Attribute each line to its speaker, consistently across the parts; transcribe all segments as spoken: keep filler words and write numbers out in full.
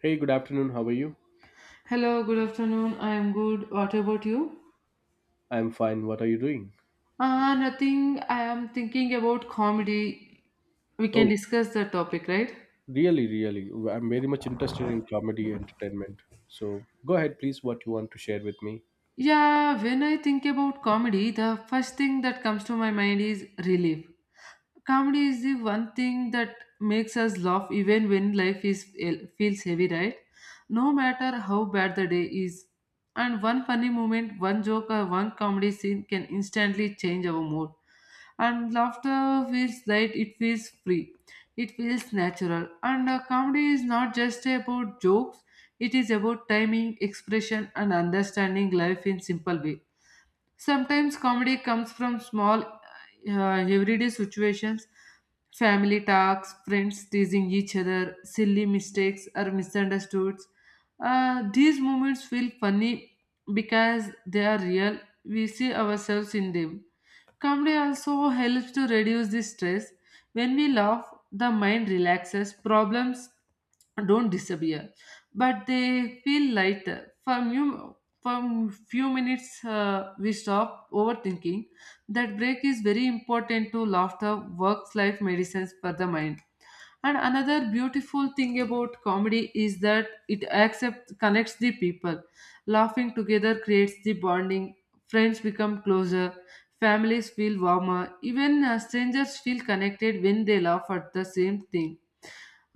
Speaker 1: Hey, good afternoon. How are you?
Speaker 2: Hello, good afternoon. I am good. What about you?
Speaker 1: I'm fine. What are you doing?
Speaker 2: Uh, nothing. I am thinking about comedy. We
Speaker 1: Oh,
Speaker 2: can discuss the topic, right?
Speaker 1: really, really. Well, I'm very much interested in comedy entertainment. So go ahead, please, what you want to share with me.
Speaker 2: Yeah, when I think about comedy, the first thing that comes to my mind is relief. Comedy is the one thing that makes us laugh even when life is eh, feels heavy, right? No matter how bad the day is. And one funny moment, one joke or one comedy scene can instantly change our mood. And laughter feels light, it feels free. It feels natural, and a comedy is not just about jokes, it is about timing, expression, and understanding life in simple way. Sometimes comedy comes from small, uh, everyday situations, family talks, friends teasing each other, silly mistakes, or misunderstoods. Uh, these moments feel funny because they are real. We see ourselves in them. Comedy also helps to reduce the stress. When we laugh, the mind relaxes, problems don't disappear, but they feel lighter. For few, for few minutes, uh, we stop overthinking. That break is very important to laughter, works life medicines for the mind. And another beautiful thing about comedy is that it accepts, connects the people. Laughing together creates the bonding. Friends become closer. Families feel warmer, even uh, strangers feel connected when they laugh at the same thing.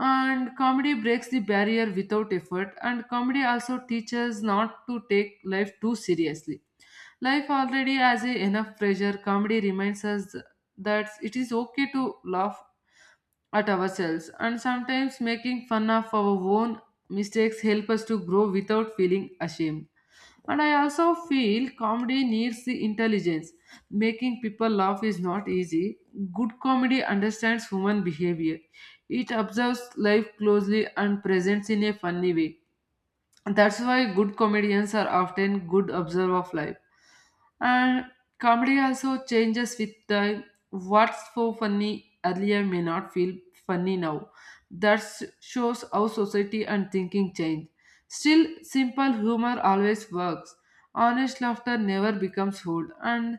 Speaker 2: And comedy breaks the barrier without effort, and comedy also teaches not to take life too seriously. Life already has a enough pressure. Comedy reminds us that it is okay to laugh at ourselves, and sometimes making fun of our own mistakes help us to grow without feeling ashamed. And I also feel comedy needs the intelligence. Making people laugh is not easy. Good comedy understands human behavior. It observes life closely and presents in a funny way. That's why good comedians are often good observer of life. And comedy also changes with time. What's so funny earlier may not feel funny now. That s- shows how society and thinking change. Still, simple humor always works. Honest laughter never becomes rude. And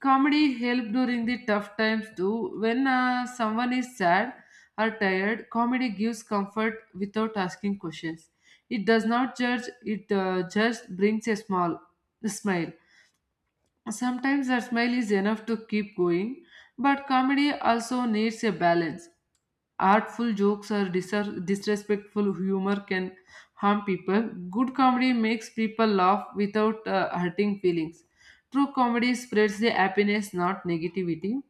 Speaker 2: comedy helps during the tough times too. When uh, someone is sad or tired, comedy gives comfort without asking questions. It does not judge. It uh, just brings a small smile. Sometimes a smile is enough to keep going, but comedy also needs a balance. Artful jokes or disar- disrespectful humor can harm people. Good comedy makes people laugh without uh, hurting feelings. True comedy spreads the happiness, not negativity.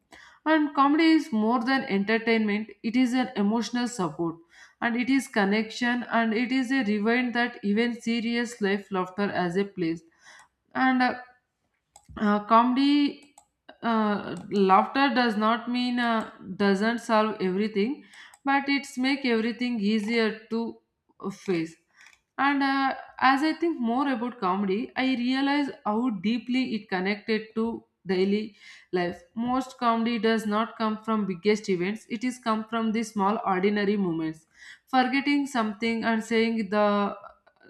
Speaker 2: And comedy is more than entertainment, it is an emotional support, and it is connection, and it is a rewind that even serious life laughter as a place. And uh, uh, comedy uh, laughter does not mean uh, doesn't solve everything, but it's make everything easier to face. And uh, as I think more about comedy, I realize how deeply it connected to daily life. Most comedy does not come from biggest events, it is come from the small ordinary moments: forgetting something and saying the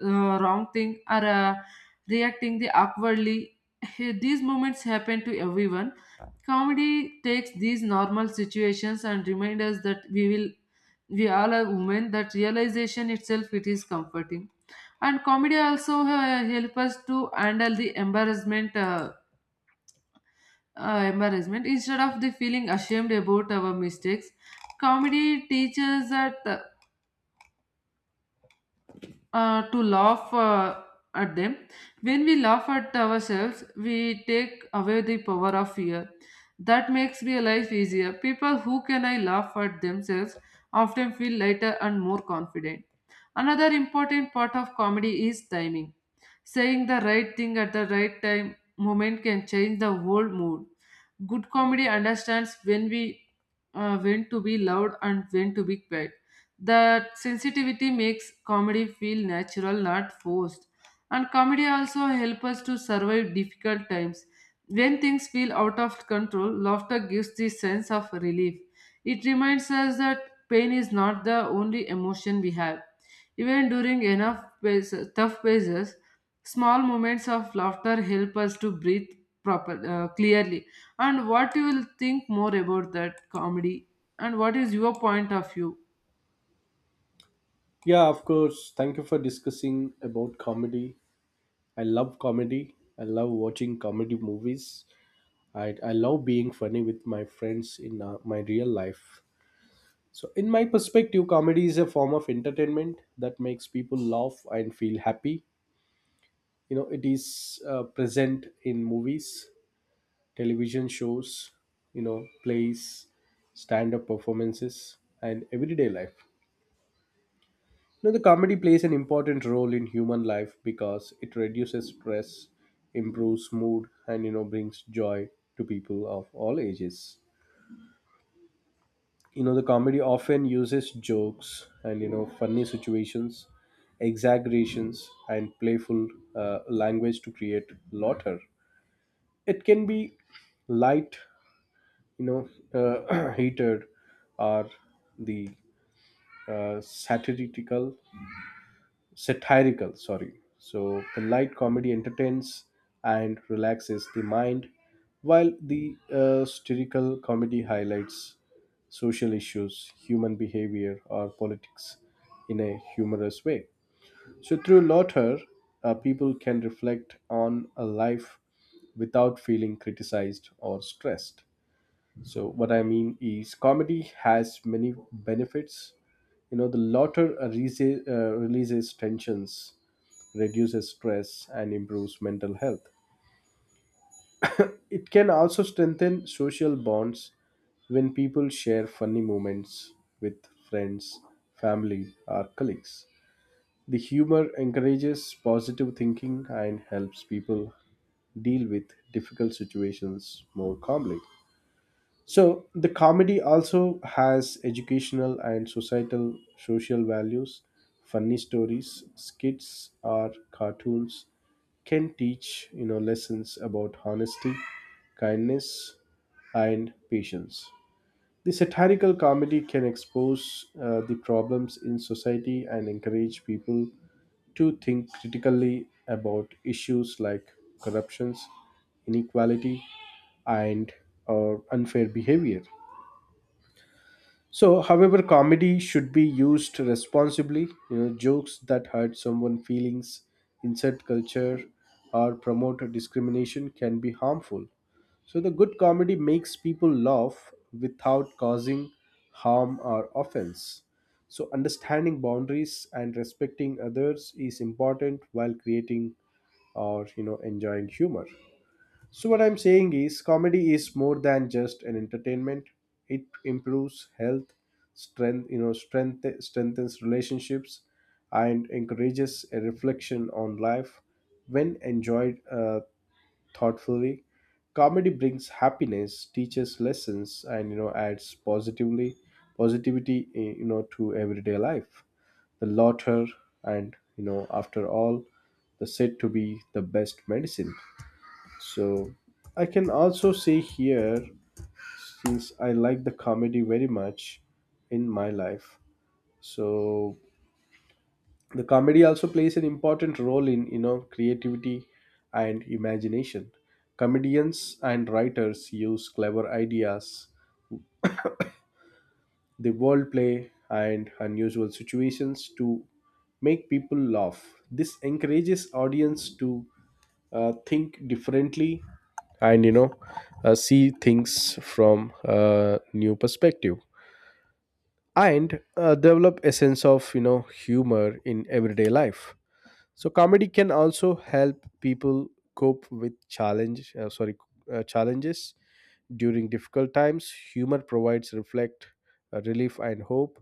Speaker 2: uh, wrong thing, or uh, reacting the awkwardly. These moments happen to everyone. Comedy takes these normal situations and reminds us that we will we all are women. That realization itself it is comforting. And comedy also uh, help us to handle the embarrassment, uh, uh, embarrassment instead of the feeling ashamed about our mistakes. Comedy teaches that uh, uh, to laugh uh, at them. When we laugh at ourselves, we take away the power of fear. That makes real life easier. People who can I laugh at themselves often feel lighter and more confident. Another important part of comedy is timing. Saying the right thing at the right time moment can change the whole mood. Good comedy understands when we uh, when to be loud and when to be quiet. That sensitivity makes comedy feel natural, not forced. And comedy also helps us to survive difficult times. When things feel out of control, laughter gives the sense of relief. It reminds us that pain is not the only emotion we have. Even during enough phase- tough phases, small moments of laughter help us to breathe proper uh, clearly. And what you will think more about that comedy? And what is your point of view?
Speaker 1: Yeah, of course. Thank you for discussing about comedy. I love comedy. I love watching comedy movies. I, I love being funny with my friends in uh, my real life. So, in my perspective, comedy is a form of entertainment that makes people laugh and feel happy. You know, it is uh, present in movies, television shows, you know, plays, stand up performances, and everyday life. You know, the comedy plays an important role in human life, because it reduces stress, improves mood, and, you know, brings joy to people of all ages. You know, the comedy often uses jokes and, you know, funny situations, exaggerations, and playful uh, language to create laughter. It can be light, you know uh, hated are the uh, satirical satirical, sorry, so the light comedy entertains and relaxes the mind, while the uh, satirical comedy highlights social issues, human behavior, or politics in a humorous way. So through laughter, uh, people can reflect on a life without feeling criticized or stressed. So what I mean is, comedy has many benefits. You know, the laughter releases, uh, releases tensions, reduces stress, and improves mental health. It can also strengthen social bonds when people share funny moments with friends, family, or colleagues. The humor encourages positive thinking and helps people deal with difficult situations more calmly. So the comedy also has educational and societal social values. Funny stories, skits, or cartoons can teach you know lessons about honesty, kindness, and patience. The satirical comedy can expose uh, the problems in society and encourage people to think critically about issues like corruptions, inequality, and or unfair behavior. So, however, comedy should be used responsibly. You know, jokes that hurt someone's feelings, insult culture, or promote discrimination can be harmful. So, the good comedy makes people laugh without causing harm or offense. So, understanding boundaries and respecting others is important while creating or you know enjoying humor. So, what I'm saying is, comedy is more than just an entertainment. It improves health, strength, you know, strength, strengthens relationships, and encourages a reflection on life when enjoyed uh, thoughtfully. Comedy brings happiness, teaches lessons, and you know adds positively positivity, eh, you know, to everyday life. The latter, and you know, after all, the said to be the best medicine. So I can also see here, since I like the comedy very much in my life. So the comedy also plays an important role in, you know, creativity and imagination. Comedians and writers use clever ideas, the wordplay, and unusual situations to make people laugh. This encourages audience to uh, think differently, and you know uh, see things from a new perspective, and uh, develop a sense of you know humor in everyday life. So comedy can also help people cope with challenge, uh, sorry, uh, challenges during difficult times. Humor provides reflect, uh, relief, and hope.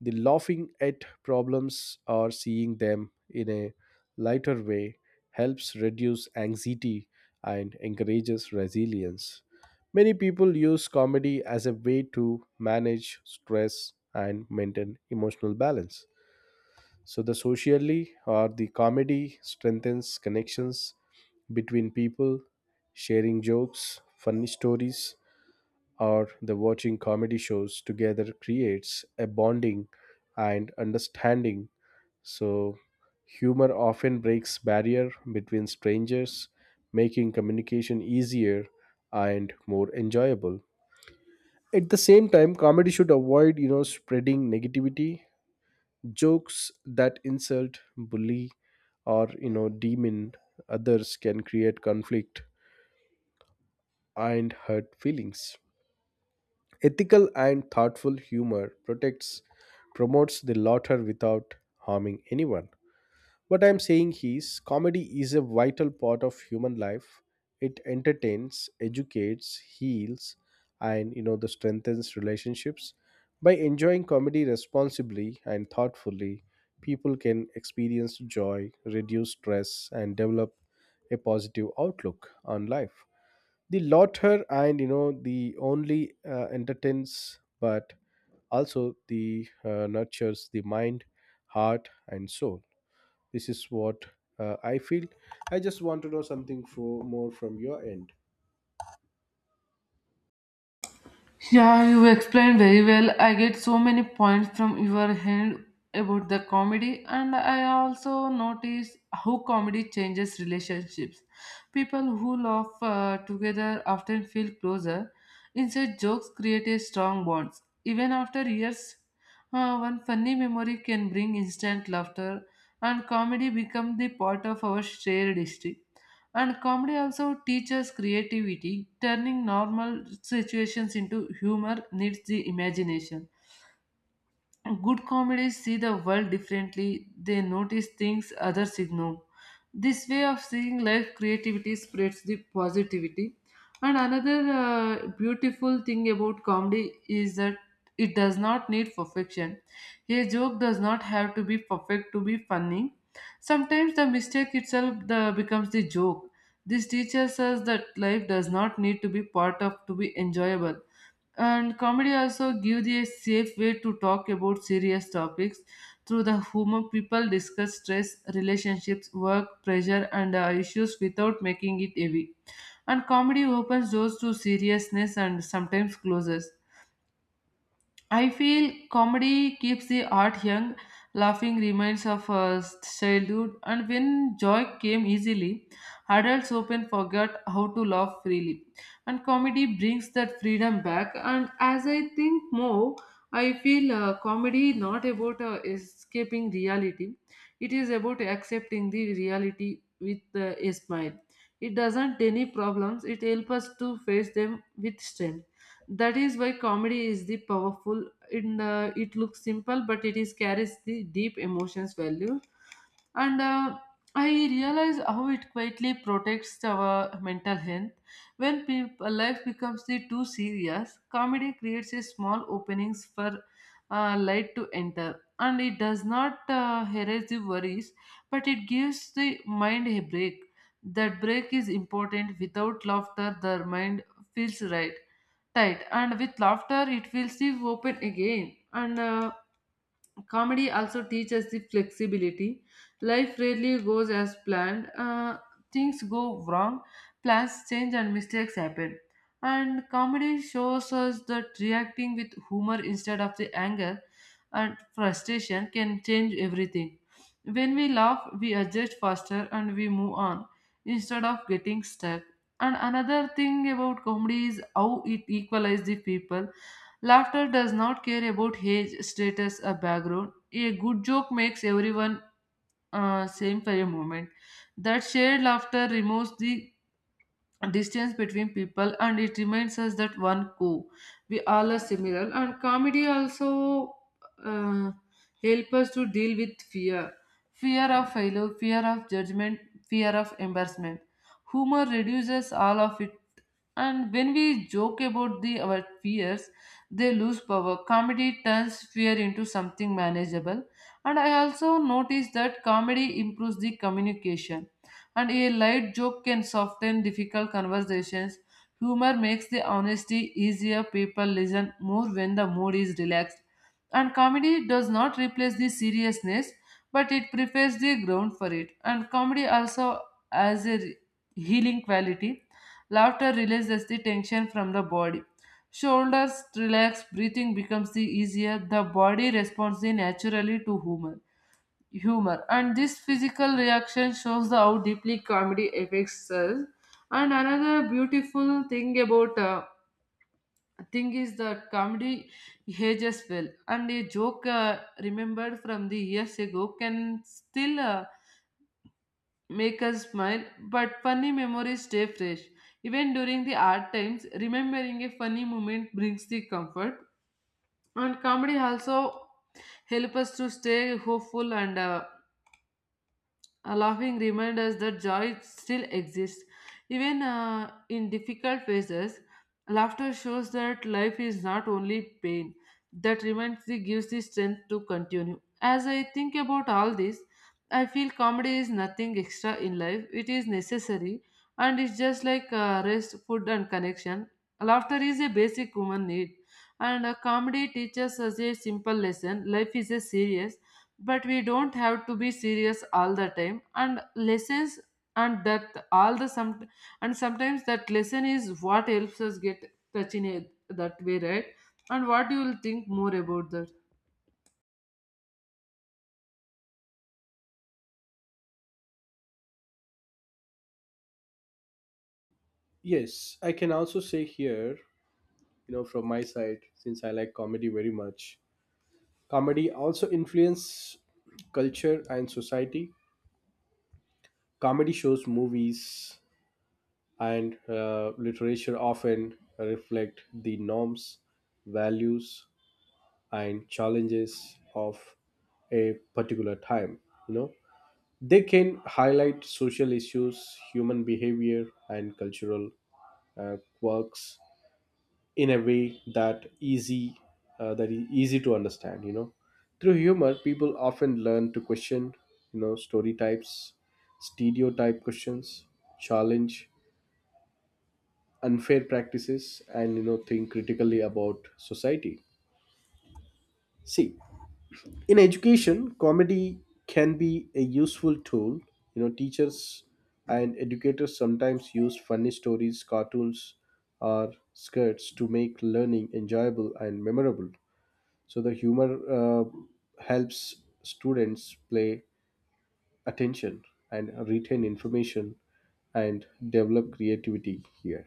Speaker 1: The laughing at problems or seeing them in a lighter way helps reduce anxiety and encourages resilience. Many people use comedy as a way to manage stress and maintain emotional balance. So the socially, or the comedy strengthens connections between people, sharing jokes, funny stories, or the watching comedy shows together creates a bonding and understanding. So humor often breaks barrier between strangers, making communication easier and more enjoyable. At the same time, comedy should avoid, you know, spreading negativity. Jokes that insult, bully, or you know demean others can create conflict and hurt feelings. Ethical and thoughtful humor protects promotes the latter without harming anyone. What I'm saying is, comedy is a vital part of human life. It entertains, educates, heals, and you know the strengthens relationships. By enjoying comedy responsibly and thoughtfully, people can experience joy, reduce stress, and develop a positive outlook on life. The latter, and you know the only uh, entertains, but also the uh, nurtures the mind, heart, and soul. This is what uh, I feel. I just want to know something for more from your end.
Speaker 2: Yeah, you explained very well. I get so many points from your hand about the comedy, and I also notice how comedy changes relationships. People who laugh uh, together often feel closer. Inside jokes create a strong bonds. Even after years, uh, one funny memory can bring instant laughter, and comedy becomes the part of our shared history. And comedy also teaches creativity, turning normal situations into humor needs the imagination. Good comedies see the world differently, they notice things others ignore. This way of seeing life, creativity spreads the positivity. And another uh, beautiful thing about comedy is that it does not need perfection. A joke does not have to be perfect to be funny. Sometimes the mistake itself the, becomes the joke. This teaches us that life does not need to be part of to be enjoyable. And comedy also gives a safe way to talk about serious topics. Through the humor people discuss stress, relationships, work pressure, and uh, issues without making it heavy. And comedy opens doors to seriousness and sometimes closes. I feel comedy keeps the art young. Laughing reminds of uh, childhood, and when joy came easily, adults often forget how to laugh freely. And comedy brings that freedom back. And as I think more, I feel uh, comedy not about uh, escaping reality, it is about accepting the reality with uh, a smile. It doesn't any problems, it helps us to face them with strength. That is why comedy is the powerful in uh, it looks simple, but it is carries the deep emotions value. And uh, i realize how it quietly protects our mental health. When people, life becomes the too serious, comedy creates a small openings for uh, light to enter, and it does not uh, erase the worries, but it gives the mind a break. That break is important. Without laughter the mind feels right tight, and with laughter it will leave open again. And uh, Comedy also teaches the flexibility. Life rarely goes as planned. Uh, things go wrong, plans change, and mistakes happen. And comedy shows us that reacting with humor instead of the anger and frustration can change everything. When we laugh, we adjust faster and we move on instead of getting stuck. And another thing about comedy is how it equalizes the people. Laughter does not care about age, status, or background. A good joke makes everyone uh, same for a moment. That shared laughter removes the distance between people, and it reminds us that one co. we all are similar. And comedy also uh, help us to deal with fear: fear of failure, fear of judgment, fear of embarrassment. Humor reduces all of it, and when we joke about the our fears, they lose power. Comedy turns fear into something manageable. And I also noticed that comedy improves the communication. And a light joke can soften difficult conversations. Humor makes the honesty easier. People listen more when the mood is relaxed. And comedy does not replace the seriousness, but it prepares the ground for it. And comedy also has a healing quality. Laughter releases the tension from the body. Shoulders relax, breathing becomes the easier. The body responds the naturally to humor. Humor and this physical reaction shows the how deeply comedy affects us. And another beautiful thing about uh, thing is that comedy ages well, and a joke uh, remembered from the years ago can still uh, make us smile, but funny memories stay fresh. Even during the hard times, remembering a funny moment brings the comfort. And comedy also help us to stay hopeful, and uh, a laughing reminds us that joy still exists. Even uh, in difficult phases, laughter shows that life is not only pain. That reminds the gives the strength to continue. As I think about all this, I feel comedy is nothing extra in life. It is necessary, and it's just like uh, rest, food, and connection. Laughter is a basic human need, and uh, comedy teaches us a simple lesson: life is a serious, but we don't have to be serious all the time. And lessons, and that all the some, and sometimes that lesson is what helps us get touching it that way, right? And what you will think more about that?
Speaker 1: Yes, I can also say here, you know, from my side, since I like comedy very much, comedy also influence culture and society. Comedy shows, movies, and uh, literature often reflect the norms, values, and challenges of a particular time. You know, They can highlight social issues, human behavior, and cultural uh, quirks in a way that easy uh, that is easy to understand. You know, through humor, people often learn to question, you know, story types, stereotype questions, challenge unfair practices, and you know, think critically about society. See, in education comedy can be a useful tool. You know teachers and educators sometimes use funny stories, cartoons, or skirts to make learning enjoyable and memorable. So the humor uh, helps students play attention and retain information, and develop creativity here.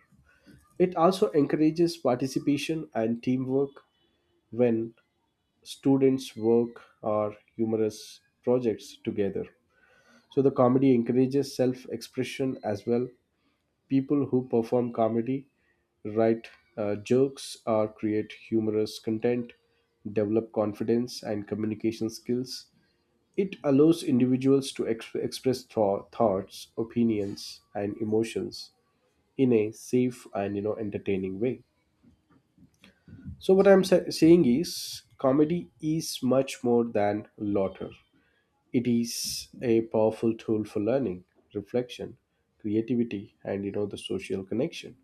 Speaker 1: It also encourages participation and teamwork when students work or humorous projects together. So the comedy encourages self expression as well. People who perform comedy write uh, jokes or create humorous content, develop confidence and communication skills. It allows individuals to ex- express tho- thoughts, opinions, and emotions in a safe and you know entertaining way. So what I'm sa- saying is, comedy is much more than laughter. It is a powerful tool for learning, reflection, creativity, and you know the social connection.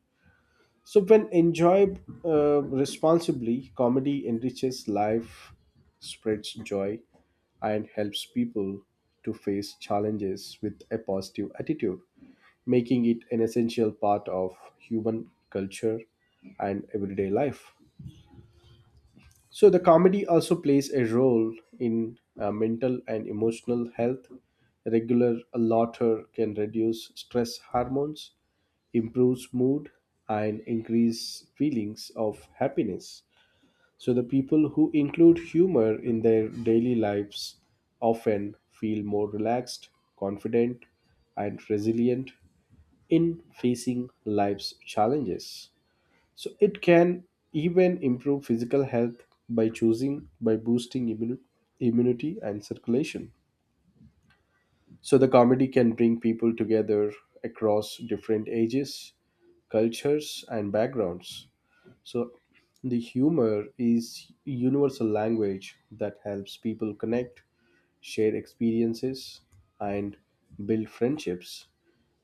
Speaker 1: So when enjoyed uh, responsibly, comedy enriches life, spreads joy, and helps people to face challenges with a positive attitude, making it an essential part of human culture and everyday life. So the comedy also plays a role in uh, mental and emotional health. Regular laughter can reduce stress hormones, improves mood, and increase feelings of happiness. So the people who include humor in their daily lives often feel more relaxed, confident, and resilient in facing life's challenges. So it can even improve physical health by choosing by boosting immu- immunity and circulation. So the comedy can bring people together across different ages, cultures, and backgrounds. So, the humor is universal language that helps people connect, share experiences, and build friendships.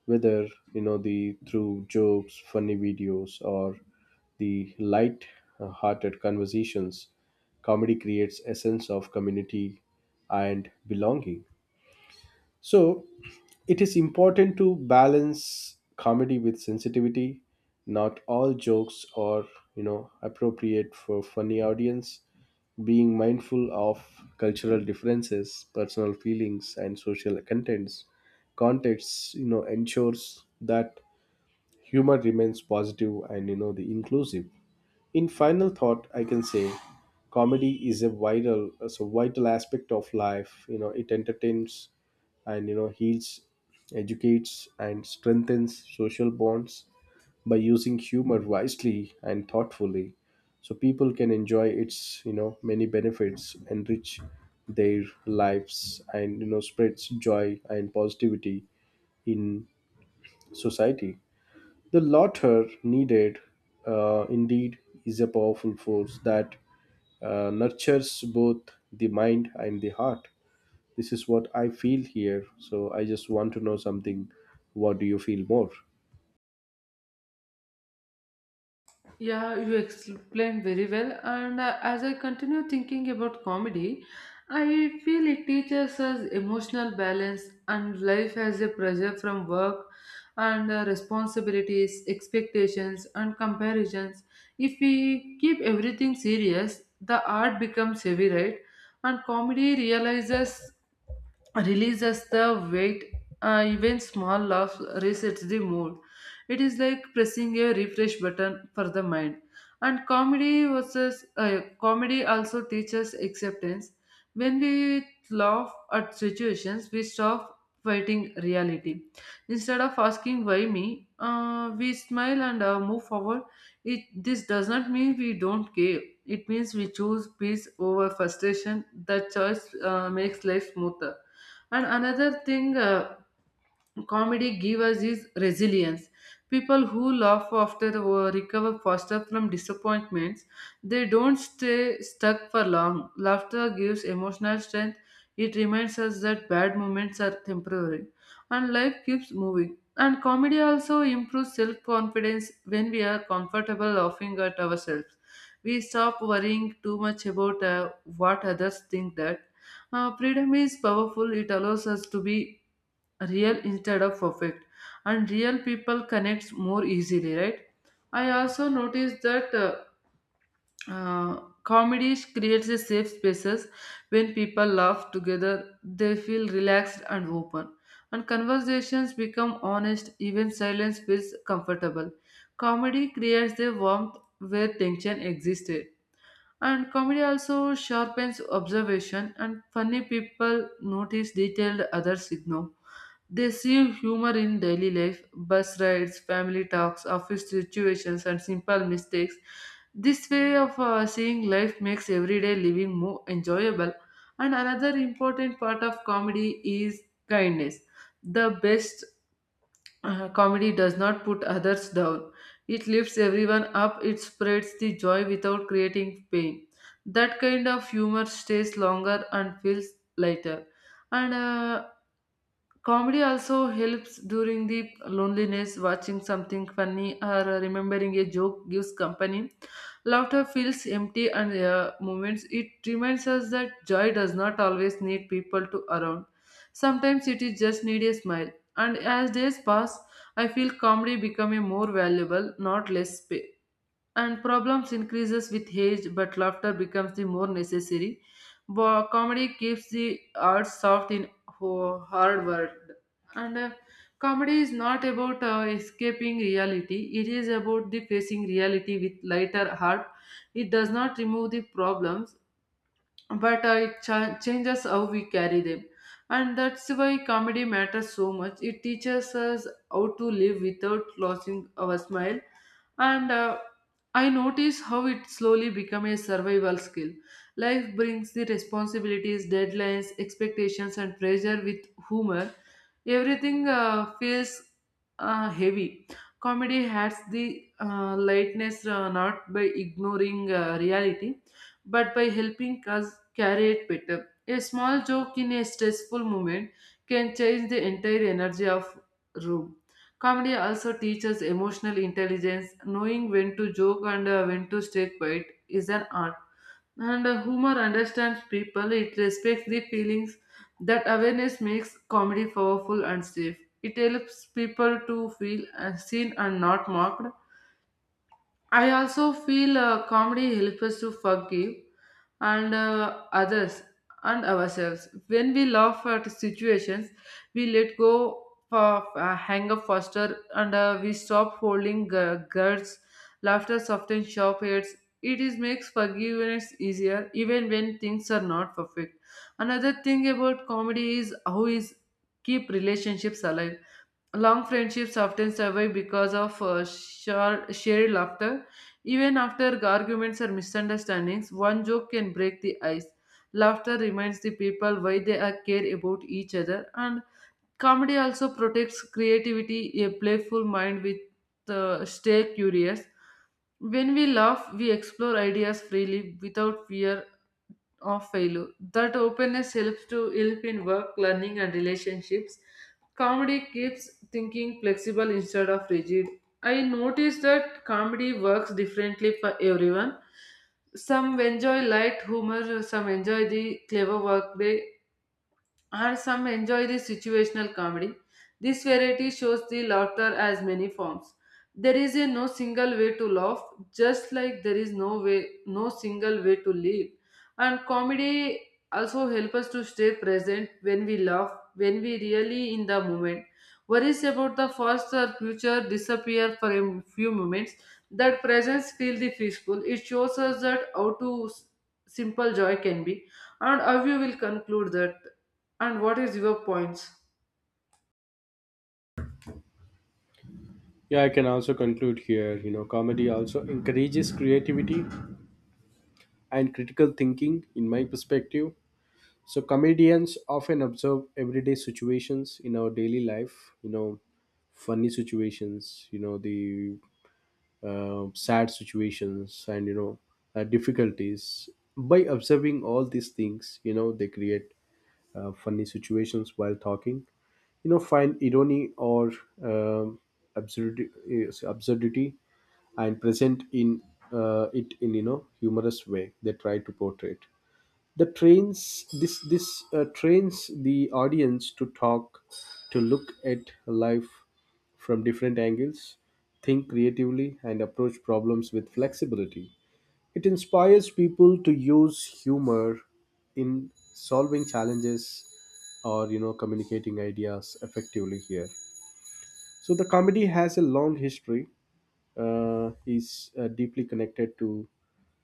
Speaker 1: Whether you know the through jokes, funny videos, or the light-hearted conversations, comedy creates a sense of community and belonging. So it is important to balance comedy with sensitivity. Not all jokes are, you know, appropriate for funny audience. Being mindful of cultural differences, personal feelings, and social contents, contexts, you know, ensures that humor remains positive and you know the inclusive. In final thought, I can say comedy is a vital, is a vital aspect of life. You know, it entertains, and you know heals, educates, and strengthens social bonds, by using humor wisely and thoughtfully, so people can enjoy its you know many benefits, enrich their lives, and you know spreads joy and positivity in society. The laughter needed uh, indeed is a powerful force that uh, nurtures both the mind and the heart. This is what I feel here, so I just want to know something. What do you feel more?
Speaker 2: Yeah, you explained very well. And uh, as I continue thinking about comedy, I feel it teaches us emotional balance. And life has a pressure from work and uh, responsibilities, expectations, and comparisons. If we keep everything serious, the art becomes heavy, right? And comedy realizes releases the weight, uh, even small laughs resets the mood. It is like pressing a refresh button for the mind. And comedy versus uh, comedy also teaches acceptance. When we laugh at situations, we stop fighting reality. Instead of asking why me, uh, we smile and uh, move forward. It this does not mean we don't care. It means we choose peace over frustration. That choice uh, makes life smoother. And another thing, uh, comedy gives us is resilience. People who laugh after the war recover faster from disappointments. They don't stay stuck for long. Laughter gives emotional strength. It reminds us that bad moments are temporary and life keeps moving. And comedy also improves self-confidence. When we are comfortable laughing at ourselves, we stop worrying too much about uh, what others think. That uh, freedom is powerful. It allows us to be real instead of perfect, and real people connects more easily, right? I also noticed that uh, uh, comedy creates a safe spaces. When people laugh together, they feel relaxed and open, and conversations become honest. Even silence feels comfortable. Comedy creates a warmth where tension existed. And comedy also sharpens observation, and funny people notice detailed others ignore. They see humor in daily life, bus rides, family talks, office situations, and simple mistakes. This way of uh, seeing life makes everyday living more enjoyable. And another important part of comedy is kindness. The best uh, comedy does not put others down. It lifts everyone up. It spreads the joy without creating pain. That kind of humor stays longer and feels lighter. And uh, comedy also helps during the loneliness. Watching something funny or remembering a joke gives company. Laughter feels empty and uh, moments. It reminds us that joy does not always need people to around. Sometimes it is just need a smile. And as days pass, I feel comedy becoming more valuable, not less, and problems increases with age, but laughter becomes the more necessary. Bo- comedy keeps the arts soft in ho- hard world. And uh, comedy is not about uh, escaping reality. It is about the facing reality with lighter heart. It does not remove the problems, but uh, it cha- changes how we carry them. And that's why comedy matters so much. It teaches us how to live without losing our smile. And uh, I notice how it slowly become a survival skill. Life brings the responsibilities, deadlines, expectations, and pressure. With humor, everything uh, feels uh, heavy. Comedy has the uh, lightness, uh, not by ignoring uh, reality, but by helping us carry it better. A small joke in a stressful moment can change the entire energy of room. Comedy also teaches emotional intelligence. Knowing when to joke and uh, when to stay quiet is an art. And uh, humor understands people. It respects the feelings. That awareness makes comedy powerful and safe. It helps people to feel uh, seen and not mocked. I also feel uh, comedy helps us to forgive and uh, others and ourselves. When we laugh at situations, we let go of uh, hang up faster, and uh, we stop holding gu- guards. Laughter softens sharp heads. It is makes forgiveness easier even when things are not perfect. Another thing about comedy is how is keep relationships alive. Long friendships often survive because of uh, shar- shared laughter. Even after arguments or misunderstandings, one joke can break the ice. Laughter reminds the people why they are care about each other. And comedy also protects creativity. A playful mind with uh, stay curious. When we laugh, we explore ideas freely without fear of failure. That openness helps to help in work, learning, and relationships. Comedy keeps thinking flexible instead of rigid. I noticed that comedy works differently for everyone. Some enjoy light humor, some enjoy the clever work, they. Or some enjoy the situational comedy. This variety shows the laughter as many forms. There is a no single way to laugh, just like there is no way, no single way to live. And comedy also help us to stay present. When we laugh, when we really in the moment, worries about the past or future disappear for a few moments. That presence feel the peaceful. It shows us that how to s- simple joy can be. And how you will conclude that, and what is your points?
Speaker 1: Yeah, I can also conclude here. You know comedy also encourages creativity and critical thinking in my perspective. So comedians often observe everyday situations in our daily life, you know funny situations, you know the uh, sad situations, and you know uh, difficulties. By observing all these things, you know they create uh, funny situations while talking, you know find irony, or um, absurd, is- absurdity, and present in, uh, it in you know humorous way they try to portray it. The trains this this uh, trains the audience to talk, to look at life from different angles, think creatively, and approach problems with flexibility. It inspires people to use humor in solving challenges, or you know communicating ideas effectively here. So the comedy has a long history, uh, is uh, deeply connected to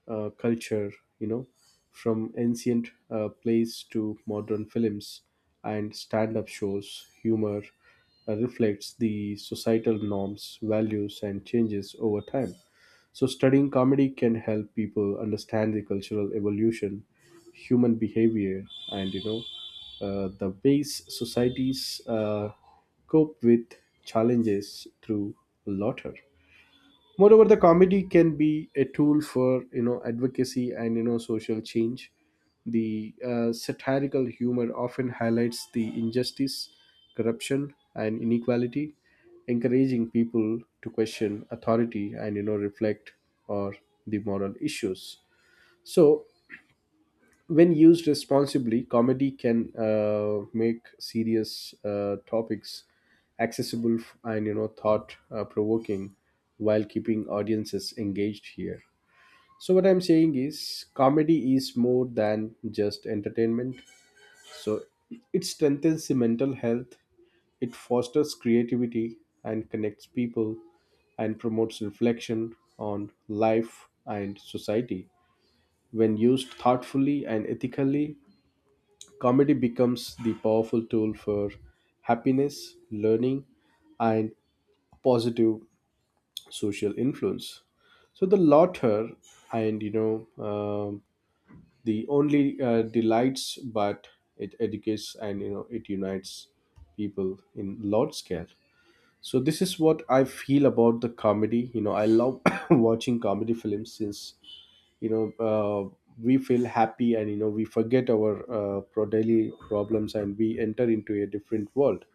Speaker 1: uh, culture, you know, from ancient uh, plays to modern films and stand up shows. Humor uh, reflects the societal norms, values, and changes over time. So, studying comedy can help people understand the cultural evolution, human behavior, and you know, uh, the ways societies uh, cope with challenges through laughter. Moreover, the comedy can be a tool for you know advocacy, and you know social change. The uh, satirical humor often highlights the injustice, corruption, and inequality, encouraging people to question authority and you know reflect on the moral issues. So when used responsibly, comedy can uh, make serious uh, topics accessible, f- and you know thought uh, provoking, while keeping audiences engaged here. So what I'm saying is, comedy is more than just entertainment. So it strengthens the mental health, it fosters creativity and connects people, and promotes reflection on life and society. When used thoughtfully and ethically, comedy becomes the powerful tool for happiness, learning, and positive social influence. So the latter, and you know, um the only uh, delights, but it educates and you know it unites people in large scale. So this is what I feel about the comedy. You know, I love watching comedy films, since you know uh, we feel happy, and you know we forget our uh, pro- daily problems, and we enter into a different world.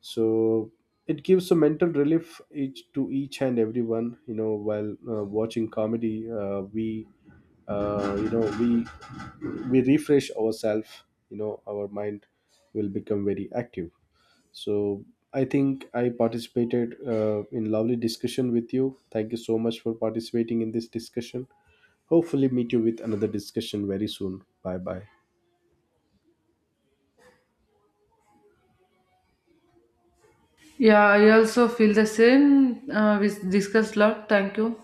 Speaker 1: So it gives a mental relief each to each and everyone, you know while uh, watching comedy, uh, we uh, you know we we refresh ourselves, you know our mind will become very active. So I think I participated uh, in lovely discussion with you. Thank you so much for participating in this discussion. Hopefully meet you with another discussion very soon. Bye bye.
Speaker 2: Yeah, I also feel the same. Uh, we discussed lot. Thank you.